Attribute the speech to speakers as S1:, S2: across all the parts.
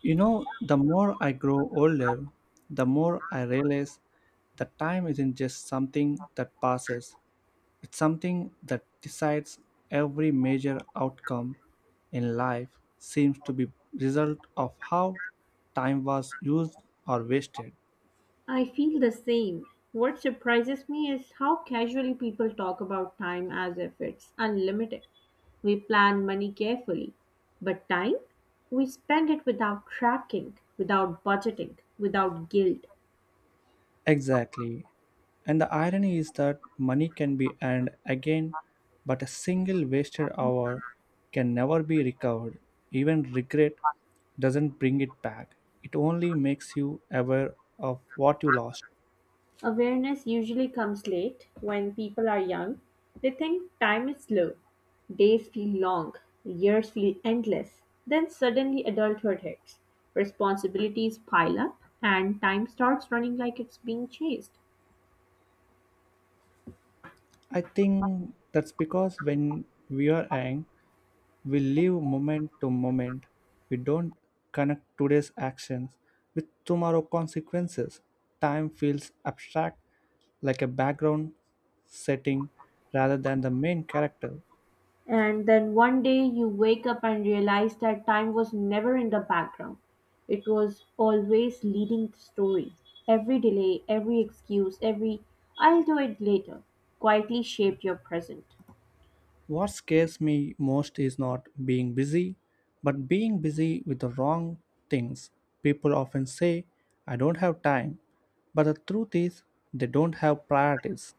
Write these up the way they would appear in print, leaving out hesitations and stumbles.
S1: You know, the more I grow older, the more I realize that time isn't just something that passes, it's something that decides every major outcome in life seems to be result of how time was used or wasted.
S2: I feel the same. What surprises me is how casually people talk about time as if it's unlimited. We plan money carefully, but time? We spend it without tracking, without budgeting, without guilt.
S1: Exactly. And the irony is that money can be earned again, but a single wasted hour can never be recovered. Even regret doesn't bring it back, it only makes you aware of what you lost.
S2: Awareness usually comes late when people are young. They think time is slow, days feel long, years feel endless. Then suddenly adulthood hits. Responsibilities pile up, and time starts running like it's being chased.
S1: I think that's because when we are young, we live moment to moment. We don't connect today's actions with tomorrow's consequences. Time feels abstract, like a background setting rather than the main character.
S2: And then one day you wake up and realize that time was never in the background. It was always leading the story. Every delay, every excuse, every I'll do it later quietly shaped your present.
S1: What scares me most is not being busy, but being busy with the wrong things. People often say, I don't have time, but the truth is, they don't have priorities.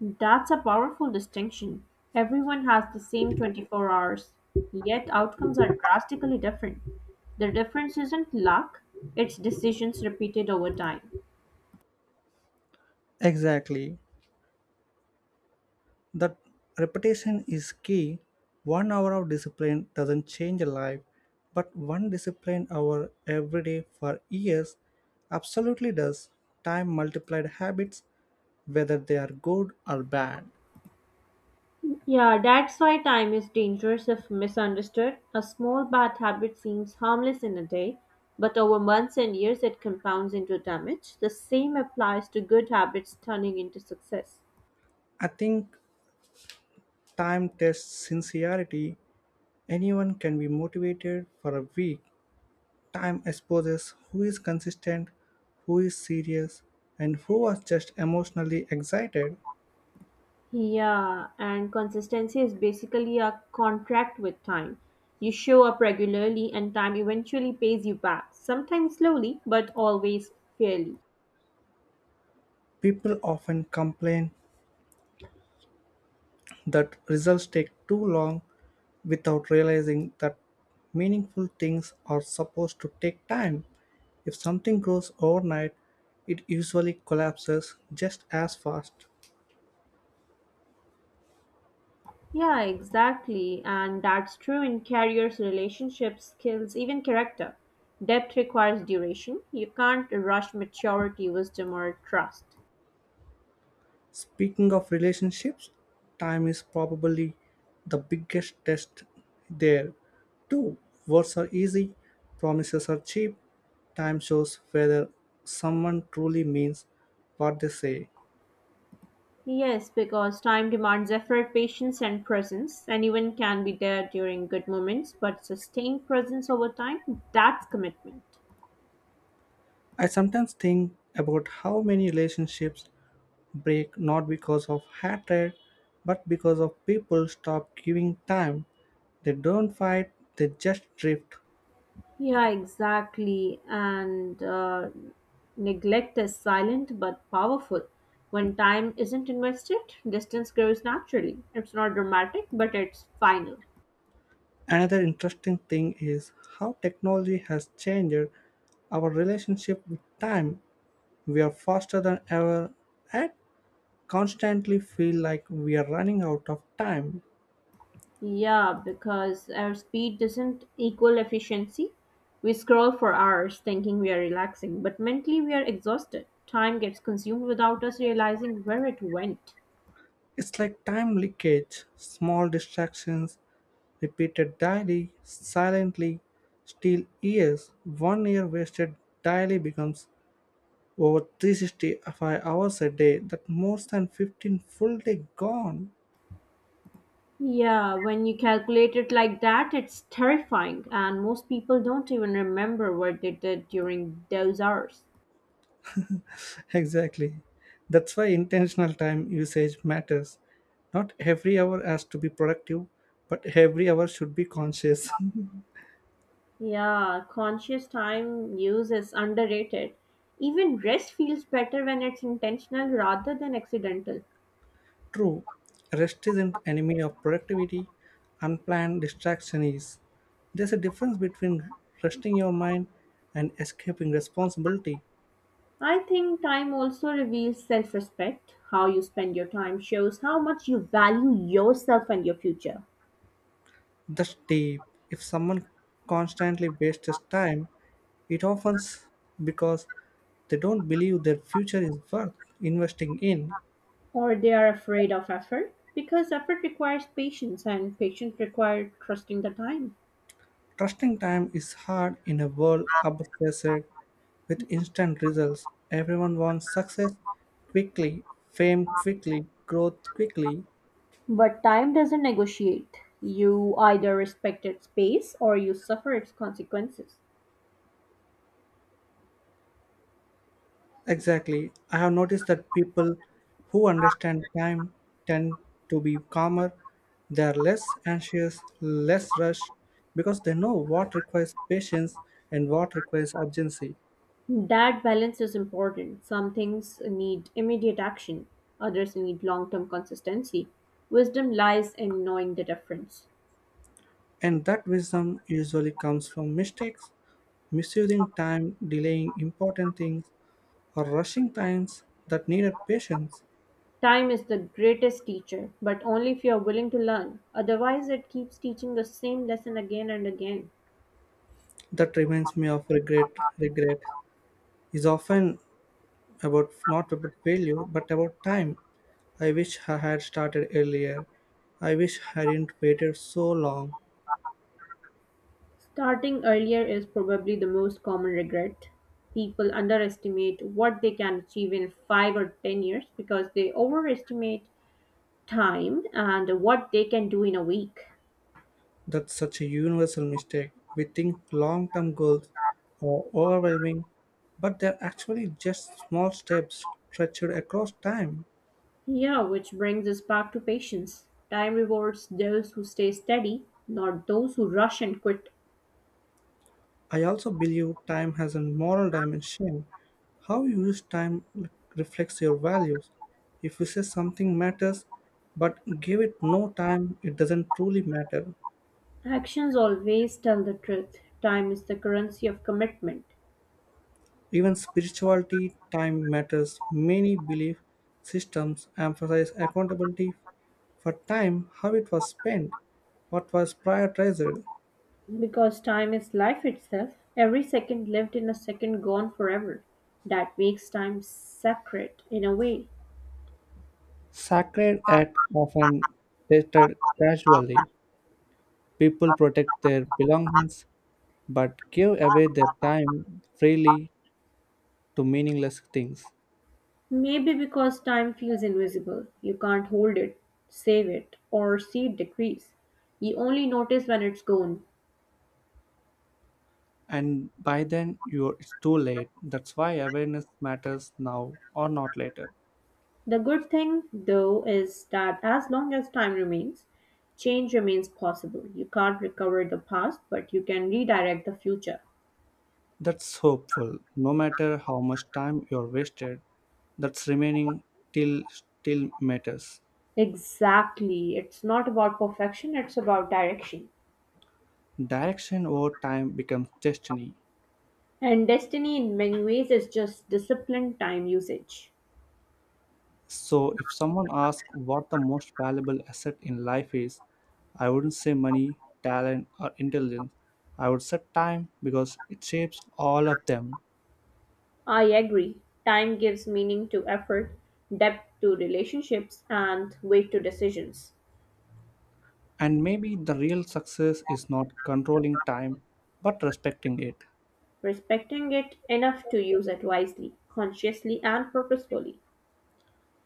S2: That's a powerful distinction. Everyone has the same 24 hours, yet outcomes are drastically different. The difference isn't luck, it's decisions repeated over time.
S1: Exactly. That repetition is key. 1 hour of discipline doesn't change a life, but one disciplined hour every day for years absolutely does. Time multiplied habits, whether they are good or bad.
S2: Yeah, that's why time is dangerous if misunderstood. A small bad habit seems harmless in a day, but over months and years it compounds into damage. The same applies to good habits turning into success.
S1: I think time tests sincerity. Anyone can be motivated for a week. Time exposes who is consistent, who is serious, and who was just emotionally excited.
S2: Yeah, and consistency is basically a contract with time. You show up regularly, and time eventually pays you back, sometimes slowly, but always fairly.
S1: People often complain that results take too long without realizing that meaningful things are supposed to take time. If something grows overnight, it usually collapses just as fast.
S2: Yeah, exactly. And that's true in careers, relationships, skills, even character. Depth requires duration. You can't rush maturity, wisdom, or trust.
S1: Speaking of relationships, time is probably the biggest test there. Two, words are easy, promises are cheap. Time shows whether someone truly means what they say.
S2: Yes, because time demands effort, patience, and presence. Anyone can be there during good moments, but sustained presence over time, that's commitment.
S1: I sometimes think about how many relationships break not because of hatred, but because of people stop giving time. They don't fight, they just drift.
S2: Yeah, exactly. And neglect is silent but powerful. When time isn't invested, distance grows naturally. It's not dramatic, but it's final.
S1: Another interesting thing is how technology has changed our relationship with time. We are faster than ever and constantly feel like we are running out of time.
S2: Yeah, because our speed doesn't equal efficiency. We scroll for hours thinking we are relaxing, but mentally we are exhausted. Time gets consumed without us realizing where it went.
S1: It's like time leakage, small distractions repeated daily, silently, still years. One year wasted daily becomes over 365 hours a day. That more than 15 full day gone.
S2: Yeah, when you calculate it like that, it's terrifying, and most people don't even remember what they did during those hours.
S1: Exactly. That's why intentional time usage matters. Not every hour has to be productive, but every hour should be conscious.
S2: Yeah, conscious time use is underrated. Even rest feels better when it's intentional rather than accidental.
S1: True, rest is an enemy of productivity, unplanned distraction is. There's a difference between resting your mind and escaping responsibility.
S2: I think time also reveals self respect. How you spend your time shows how much you value yourself and your future.
S1: That's deep. If someone constantly wastes his time, it often s- because they don't believe their future is worth investing in.
S2: Or they are afraid of effort because effort requires patience, and patience requires trusting the time.
S1: Trusting time is hard in a world obsessed with instant results. Everyone wants success quickly, fame quickly, growth quickly.
S2: But time doesn't negotiate. You either respect its pace or you suffer its consequences.
S1: Exactly. I have noticed that people who understand time tend to be calmer. They are less anxious, less rushed, because they know what requires patience and what requires urgency.
S2: That balance is important. Some things need immediate action, others need long term consistency. Wisdom lies in knowing the difference.
S1: And that wisdom usually comes from mistakes misusing time, delaying important things, or rushing times that needed patience.
S2: Time is the greatest teacher, but only if you are willing to learn. Otherwise, it keeps teaching the same lesson again and again.
S1: That reminds me of regret. Regret is often about not about failure, but about time. I wish I had started earlier. I wish I hadn't waited so long.
S2: Starting earlier is probably the most common regret. People underestimate what they can achieve in 5 or 10 years because they overestimate time and what they can do in a week.
S1: That's such a universal mistake. We think long term goals are overwhelming, but they're actually just small steps stretched across time.
S2: Yeah, which brings us back to patience. Time rewards those who stay steady, not those who rush and quit.
S1: I also believe time has a moral dimension. How you use time reflects your values. If you say something matters but give it no time, it doesn't truly matter.
S2: Actions always tell the truth. Time is the currency of commitment.
S1: Even spirituality, time matters. Many belief systems emphasize accountability for time, how it was spent, what was prioritized.
S2: Because time is life itself, every second lived in a second gone forever. That makes time sacred in a way.
S1: Sacred acts often tested casually. People protect their belongings but give away their time freely to meaningless things.
S2: Maybe because time feels invisible, you can't hold it, save it, or see it decrease. You only notice when it's gone.
S1: And by then, it's too late. That's why awareness matters now or not later.
S2: The good thing, though, is that as long as time remains, change remains possible. You can't recover the past, but you can redirect the future.
S1: That's hopeful. No matter how much time you're wasted, that's remaining till still matters.
S2: Exactly. It's not about perfection, it's about direction.
S1: Direction over time becomes destiny.
S2: And destiny, in many ways, is just disciplined time usage.
S1: So, if someone asks what the most valuable asset in life is, I wouldn't say money, talent, or intelligence. I would say time because it shapes all of them.
S2: I agree. Time gives meaning to effort, depth to relationships, and weight to decisions.
S1: And maybe the real success is not controlling time but respecting it.
S2: Respecting it enough to use it wisely, consciously, and purposefully.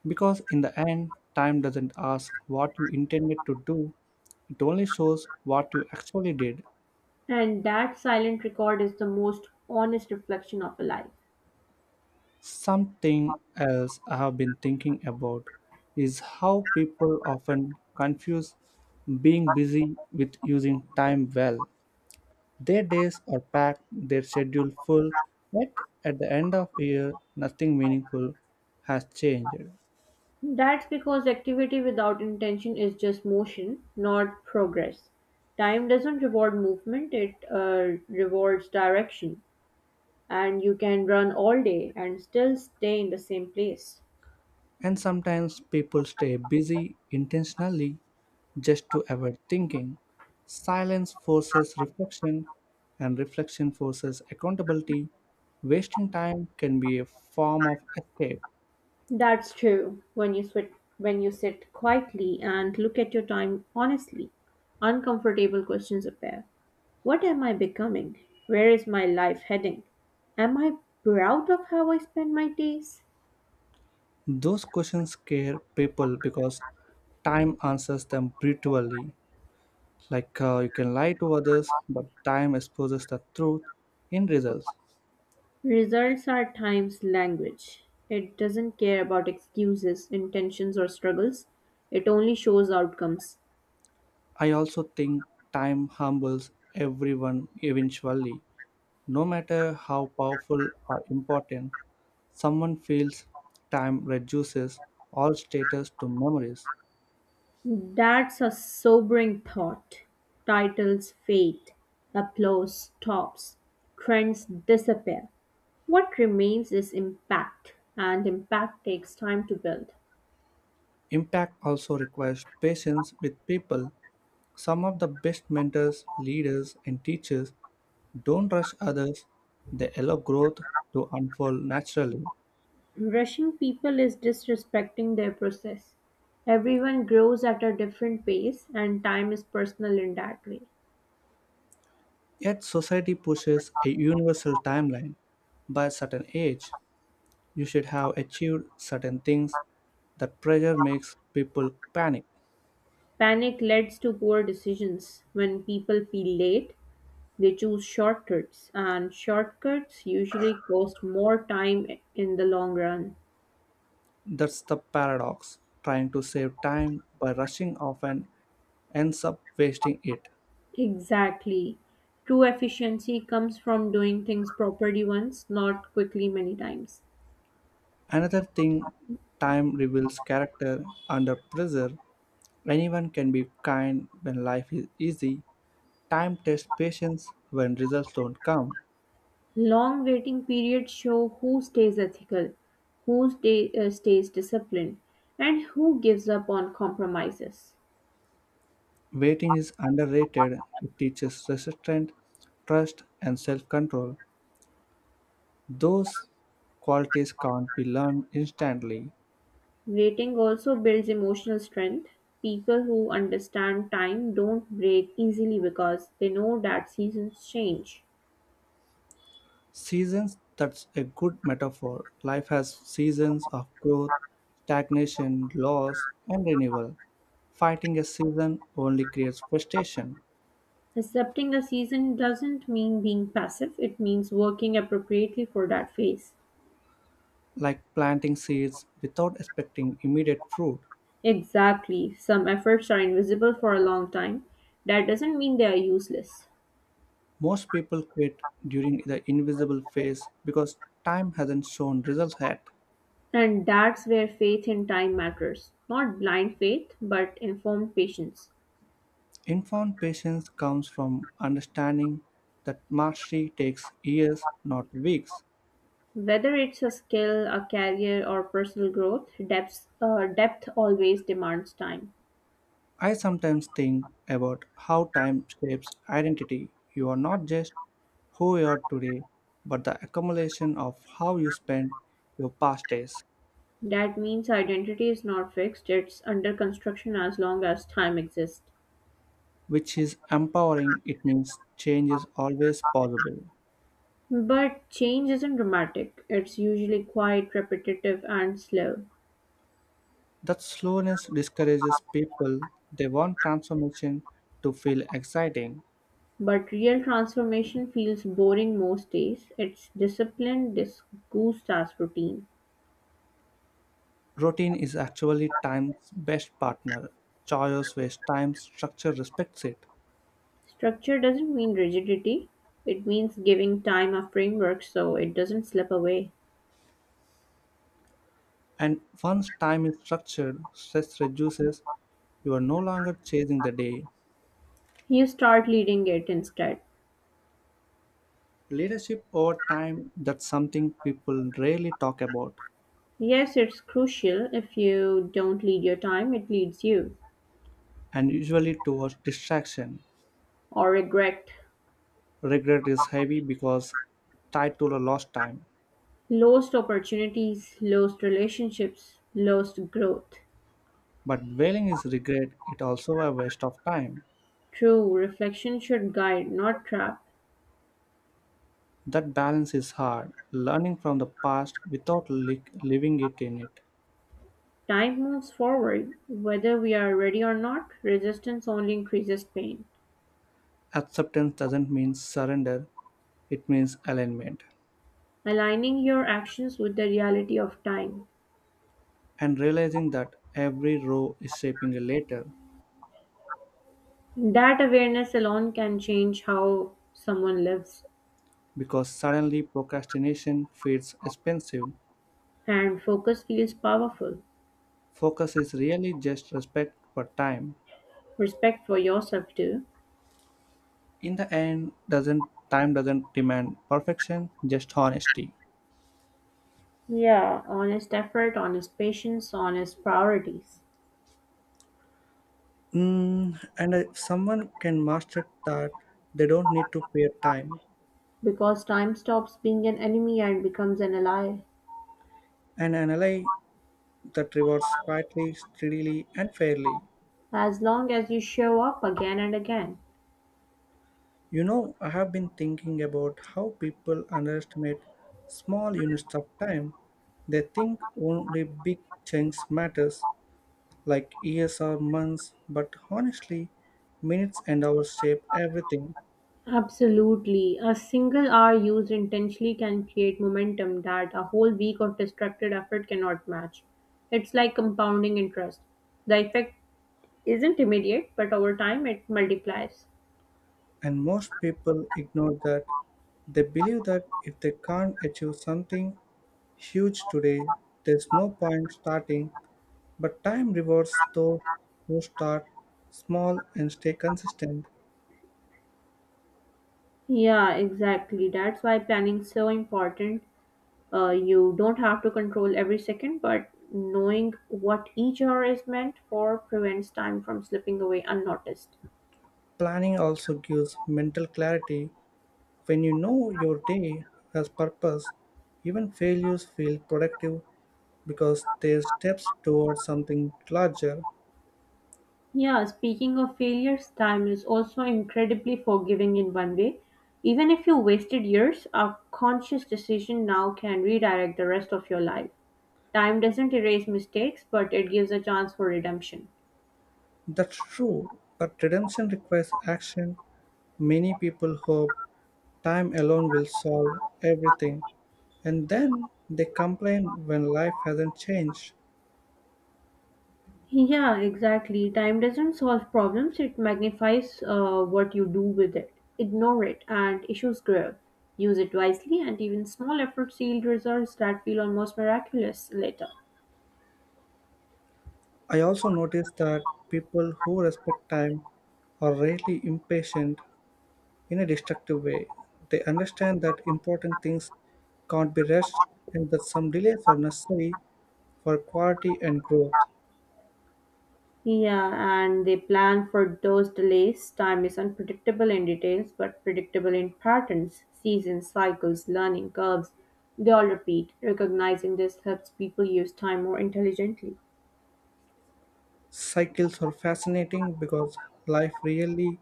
S1: Because in the end, time doesn't ask what you intended to do, it only shows what you actually did.
S2: And that silent record is the most honest reflection of a life.
S1: Something else I have been thinking about is how people often confuse being busy with using time well. Their days are packed, their schedule full, yet at the end of year nothing meaningful has changed.
S2: That's because activity without intention is just motion, not progress. Time doesn't reward movement, it rewards direction. And you can run all day and still stay in the same place.
S1: And sometimes people stay busy intentionally just to avoid thinking. Silence forces reflection, and reflection forces accountability. Wasting time can be a form of escape.
S2: That's true when you sit quietly and look at your time honestly. Uncomfortable questions appear. What am I becoming? Where is my life heading? Am I proud of how I spend my days?
S1: Those questions scare people because time answers them brutally. Like you can lie to others, but time exposes the truth in results.
S2: Results are times language. It doesn't care about excuses, intentions, or struggles. It only shows outcomes.
S1: I also think time humbles everyone eventually. No matter how powerful or important someone feels, time reduces all status to memories.
S2: That's a sobering thought. Titles fade, applause stops, trends disappear. What remains is impact, and impact takes time to build.
S1: Impact also requires patience with people. Some of the best mentors, leaders, and teachers don't rush others, they allow growth to unfold naturally.
S2: Rushing people is disrespecting their process. Everyone grows at a different pace, and time is personal in that way.
S1: Yet, society pushes a universal timeline by a certain age. You should have achieved certain things. That pressure makes people panic.
S2: Panic leads to poor decisions. When people feel late, they choose shortcuts, and shortcuts usually cost more time in the long run.
S1: That's the paradox. Trying to save time by rushing often ends up wasting it.
S2: Exactly. True efficiency comes from doing things properly once, not quickly many times.
S1: Another thing, time reveals character under pressure. Anyone can be kind when life is easy. Time tests patience when results don't come.
S2: Long waiting periods show who stays ethical, who stays disciplined, and who gives up on compromises.
S1: Waiting is underrated. It teaches resistance, trust, and self control. Those qualities can't be learned instantly.
S2: Waiting also builds emotional strength. People who understand time don't break easily because they know that seasons change.
S1: Seasons, that's a good metaphor. Life has seasons of growth, stagnation, loss, and renewal. Fighting a season only creates frustration,
S2: Accepting a season doesn't mean being passive, it means working appropriately for that phase.
S1: like planting seeds without expecting immediate fruit.
S2: Exactly. Some efforts are invisible for a long time. That doesn't mean they are useless.
S1: Most people quit during the invisible phase because time hasn't shown results yet.
S2: And that's where faith in time matters. Not blind faith, but informed patience.
S1: Informed patience comes from understanding that mastery takes years, not weeks.
S2: Whether it's a skill, a career, or personal growth, depth always demands time.
S1: I sometimes think about how time shapes identity. You are not just who you are today, but the accumulation of how you spent your past days,
S2: That means identity is not fixed, it's under construction as long as time exists.
S1: which is empowering. It means change is always possible.
S2: But change isn't dramatic, it's usually quite repetitive and slow.
S1: That slowness discourages people. They want transformation to feel exciting.
S2: But real transformation feels boring most days. It's discipline disguised as routine.
S1: Routine is actually time's best partner. Choice waste time, structure respects it.
S2: Structure doesn't mean rigidity, it means giving time a framework so it doesn't slip away.
S1: And once time is structured, stress reduces. You are no longer chasing the day.
S2: You start leading it instead.
S1: Leadership over time, that's something people rarely talk about,
S2: Yes, it's crucial. If you don't lead your time, it leads you.
S1: and usually towards distraction.
S2: Or regret.
S1: Regret is heavy because tied to the lost time.
S2: Lost opportunities, lost relationships, lost growth.
S1: But wailing is regret, it also a waste of time.
S2: True, reflection should guide, not trap.
S1: That balance is hard, learning from the past without living it in it.
S2: Time moves forward, whether we are ready or not, resistance only increases pain.
S1: Acceptance doesn't mean surrender, it means alignment.
S2: Aligning your actions with the reality of time.
S1: And realizing that every row is shaping a letter
S2: That awareness alone can change how someone lives,
S1: because suddenly procrastination feels expensive.
S2: and focus feels powerful.
S1: Focus is really just respect for time.
S2: Respect for yourself, too.
S1: In the end, doesn't time doesn't demand perfection, just honesty.
S2: Yeah, honest effort, honest patience, honest priorities.
S1: Mm, and if someone can master that, they don't need to fear time
S2: Because time stops being an enemy and becomes an ally.
S1: and analyze that rewards quietly, steadily, and fairly.
S2: As long as you show up again and again.
S1: You know, I have been thinking about how people underestimate small units of time. They think only big chunks matters, like years or months, but honestly, minutes and hours shape everything,
S2: Absolutely. A single hour used intentionally can create momentum that a whole week of distracted effort cannot match. It's like compounding interest. The effect isn't immediate, but over time it multiplies.
S1: and most people ignore that. They believe that if they can't achieve something huge today, there's no point starting, but time rewards those who start small and stay consistent.
S2: Yeah, exactly. That's why planning is so important. You don't have to control every second, but knowing what each hour is meant for prevents time from slipping away unnoticed.
S1: Planning also gives mental clarity when you know your day has purpose. Even failures feel productive because they're steps towards something larger.
S2: Yeah, speaking of failures, time is also incredibly forgiving in one way. Even if you wasted years, a conscious decision now can redirect the rest of your life. Time doesn't erase mistakes, but it gives a chance for redemption.
S1: That's true, but redemption requires action. Many people hope time alone will solve everything, and then they complain when life hasn't changed.
S2: Yeah, exactly. Time doesn't solve problems, it magnifies what you do with it. Ignore it, and issues grow. Use it wisely, and even small efforts yield results that feel almost miraculous later.
S1: I also noticed that people who respect time are rarely impatient in a destructive way. They understand that important things can't be rushed and that some delays are necessary for quality and growth.
S2: Yeah, and they plan for those delays. Time is unpredictable in details, but predictable in patterns, seasons, cycles, learning curves. They all repeat. Recognizing this helps people use time more intelligently.
S1: Cycles are fascinating because life really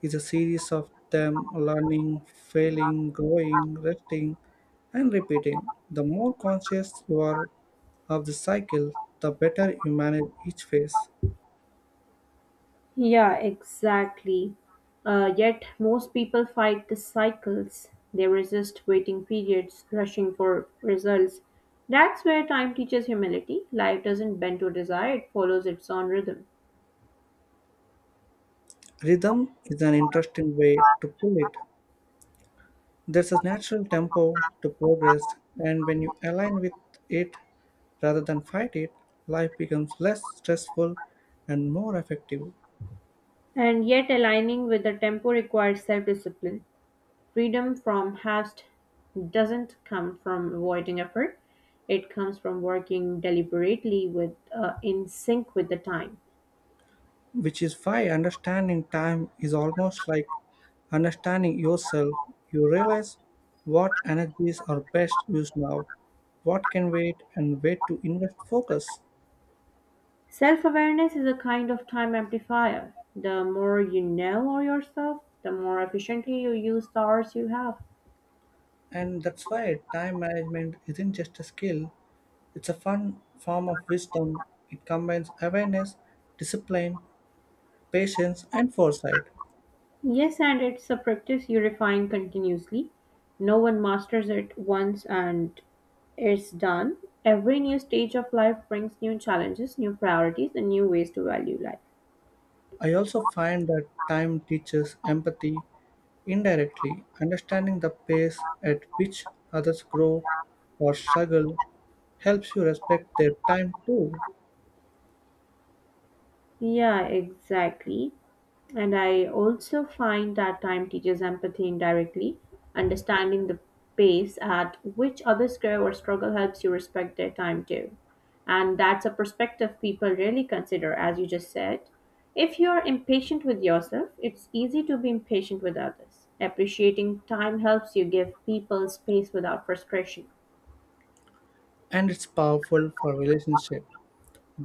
S1: is a series of them learning, failing, growing, resting, and repeating. The more conscious you are of the cycle, the better you manage each phase.
S2: Yeah, exactly. Yet, most people fight the cycles. They resist waiting periods, rushing for results. That's where time teaches humility. Life doesn't bend to desire, it follows its own rhythm.
S1: Rhythm is an interesting way to put it. There's a natural tempo to progress, and when you align with it rather than fight it, life becomes less stressful and more effective,
S2: And yet aligning with the tempo requires self-discipline. Freedom from haste doesn't come from avoiding effort. It comes from working deliberately with in sync with the time.
S1: which is why understanding time is almost like understanding yourself. You realize what energies are best used now, what can wait, and where to invest focus.
S2: Self-awareness is a kind of time amplifier. The more you know of yourself, the more efficiently you use the hours you have.
S1: And that's why time management isn't just a skill, it's a fun form of wisdom. It combines awareness, discipline, patience, and foresight.
S2: Yes, and it's a practice you refine continuously. No one masters it once and it's done. Every new stage of life brings new challenges, new priorities, and new ways to value life.
S1: I also find that time teaches empathy indirectly, understanding the pace at which others grow or struggle helps you respect their time too,
S2: Yeah, exactly. And I also find that time teaches empathy indirectly. Understanding the pace at which others grow or struggle helps you respect their time too. And that's a perspective people rarely consider, as you just said. If you're impatient with yourself, it's easy to be impatient with others. Appreciating time helps you give people space without frustration.
S1: and it's powerful for relationship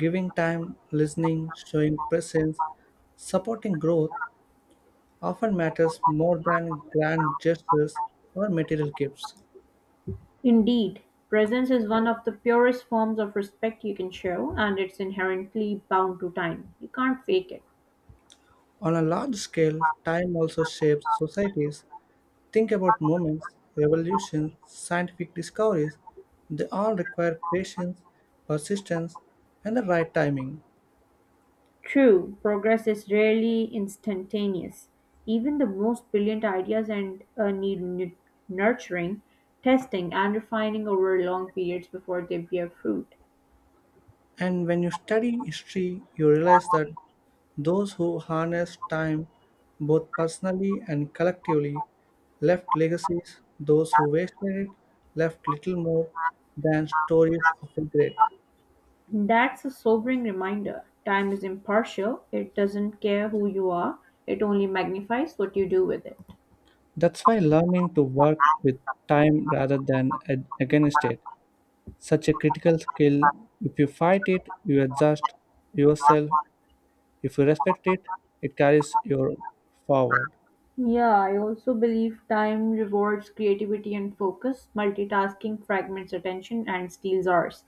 S1: giving time listening showing presence supporting growth often matters more than grand gestures or material gifts.
S2: Indeed, presence is one of the purest forms of respect you can show, and it's inherently bound to time. You can't fake it.
S1: On a large scale time also shapes societies. Think about moments, revolutions, scientific discoveries. They all require patience, persistence, and the right timing.
S2: True, progress is rarely instantaneous. Even the most brilliant ideas and need nu- nurturing, testing, and refining over long periods before they bear fruit.
S1: And when you study history, you realize that those who harness time, both personally and collectively, left legacies. Those who wasted it left little more than stories of regret.
S2: That's a sobering reminder. Time is impartial. It doesn't care who you are. It only magnifies what you do with it.
S1: That's why learning to work with time rather than against it such a critical skill. If you fight it, you adjust yourself. If you respect it, it carries you forward.
S2: Yeah, I also believe time rewards creativity and focus. Multitasking fragments attention and steals ours.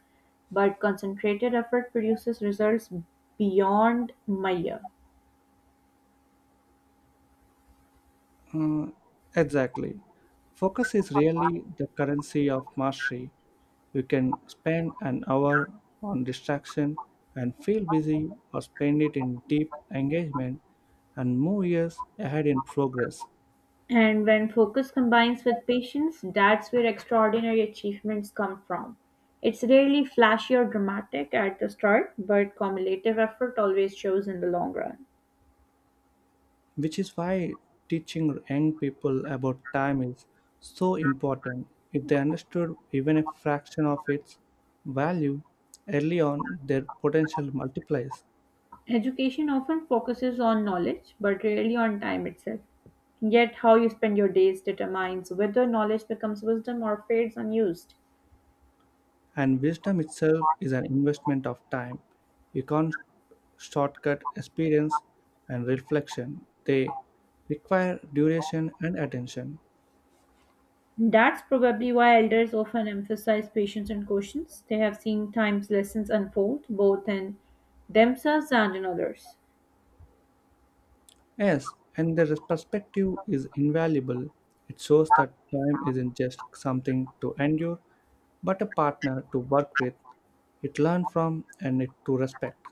S2: But concentrated effort produces results beyond Maya.
S1: Uh, exactly. Focus is really the currency of mastery. You can spend an hour on distraction and feel busy, or spend it in deep engagement and move years ahead in progress,
S2: And when focus combines with patience, that's where extraordinary achievements come from. It's rarely flashy or dramatic at the start, but cumulative effort always shows in the long run.
S1: which is why teaching young people about time is so important. If they understood even a fraction of its value early on, their potential multiplies.
S2: Education often focuses on knowledge, but rarely on time itself. Yet, how you spend your days determines whether knowledge becomes wisdom or fades unused.
S1: And wisdom itself is an investment of time. You can't shortcut experience and reflection, they require duration and attention.
S2: That's probably why elders often emphasize patience and cautions. They have seen time's lessons unfold, both in themselves and in others.
S1: Yes, and their perspective is invaluable. It shows that time isn't just something to endure, but a partner to work with, it learn from, and it to respect.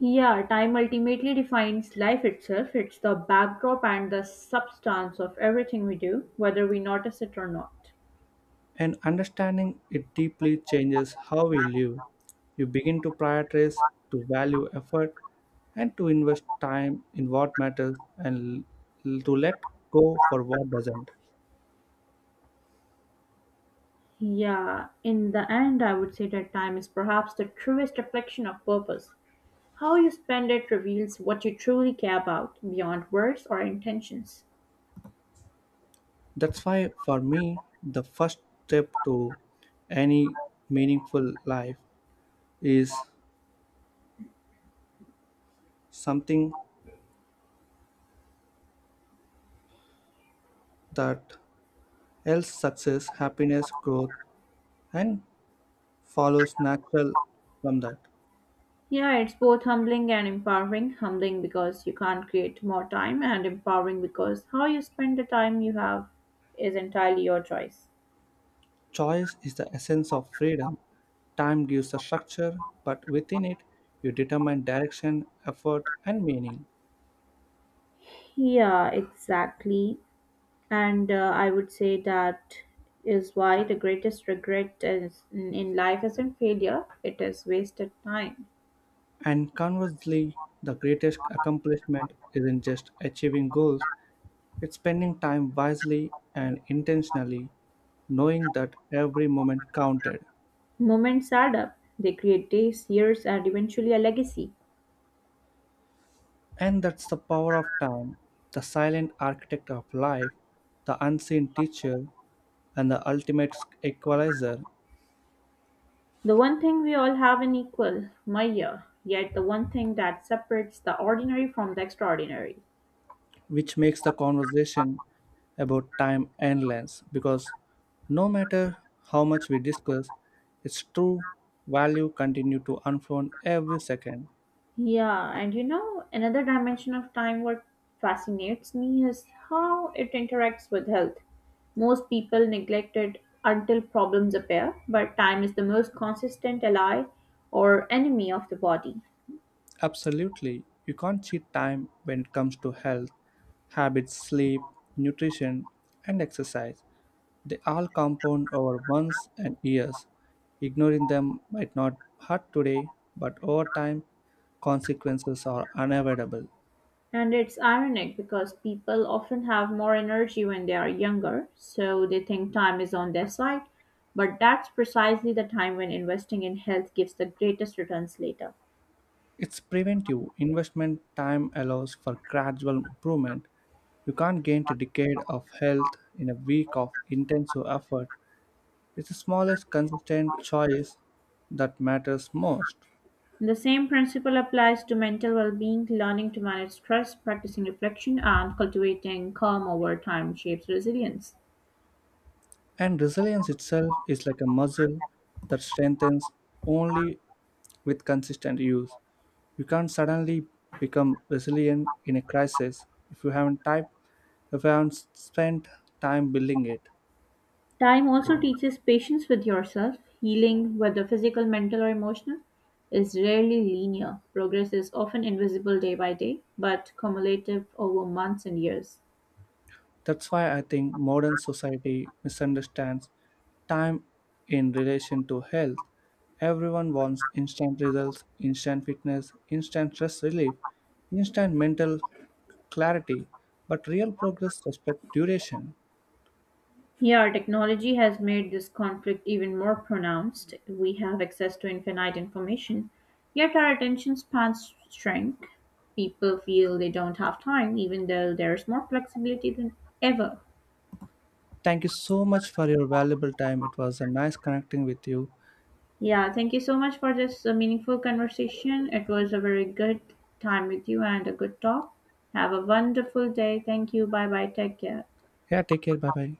S2: Yeah, time ultimately defines life itself. It's the backdrop and the substance of everything we do, whether we notice it or not.
S1: And understanding it deeply changes how we live. You begin to prioritize, to value effort, and to invest time in what matters and to let go for what doesn't.
S2: Yeah, in the end, I would say that time is perhaps the truest reflection of purpose. How you spend it reveals what you truly care about, beyond words or intentions.
S1: That's why, for me, the first step to any meaningful life is something that else success, happiness, growth, and follows natural from that.
S2: Yeah, it's both humbling and empowering. Humbling because you can't create more time, and empowering because how you spend the time you have is entirely your choice.
S1: Choice is the essence of freedom. Time gives the structure, but within it, you determine direction, effort, and meaning.
S2: Yeah, exactly. And I would say that is why the greatest regret is in life isn't failure, it is wasted time.
S1: And conversely, the greatest accomplishment isn't just achieving goals, it's spending time wisely and intentionally, knowing that every moment counted.
S2: Moments add up. They create days, years, and eventually a legacy.
S1: And that's the power of time, the silent architect of life, the unseen teacher, and the ultimate equalizer,
S2: The one thing we all have in equal, Maya, yet the one thing that separates the ordinary from the extraordinary.
S1: which makes the conversation about time endless. Because no matter how much we discuss, its true value continue to unfold every second.
S2: Yeah, and you know, another dimension of time what fascinates me is how it interacts with health. Most people neglect it until problems appear, but time is the most consistent ally or enemy of the body.
S1: Absolutely, you can't cheat time when it comes to health, habits, sleep, nutrition, and exercise. They all compound over months and years. Ignoring them might not hurt today, but over time, consequences are unavoidable.
S2: And it's ironic because people often have more energy when they are younger, so they think time is on their side. But that's precisely the time when investing in health gives the greatest returns later.
S1: It's preventive investment time allows for gradual improvement. You can't gain a decade of health in a week of intensive effort. It's the smallest consistent choice that matters most.
S2: The same principle applies to mental well being, learning to manage stress, practicing reflection, and cultivating calm over time shapes resilience.
S1: And resilience itself is like a muscle that strengthens only with consistent use. You can't suddenly become resilient in a crisis if you haven't type, if you haven't spent time building it.
S2: Time also teaches patience with yourself. Healing, whether physical, mental, or emotional, is rarely linear. Progress is often invisible day by day, but cumulative over months and years.
S1: That's why I think modern society misunderstands time in relation to health. Everyone wants instant results, instant fitness, instant stress relief, instant mental clarity, but real progress respects duration.
S2: Here, technology has made this conflict even more pronounced. We have access to infinite information, yet our attention spans shrink. People feel they don't have time, even though there's more flexibility than ever.
S1: Thank you so much for your valuable time. It was a nice connecting with you.
S2: Yeah, thank you so much for this meaningful conversation. It was a very good time with you and a good talk. Have a wonderful day. Thank you. Bye bye. Take care.
S1: Yeah, take care. Bye bye.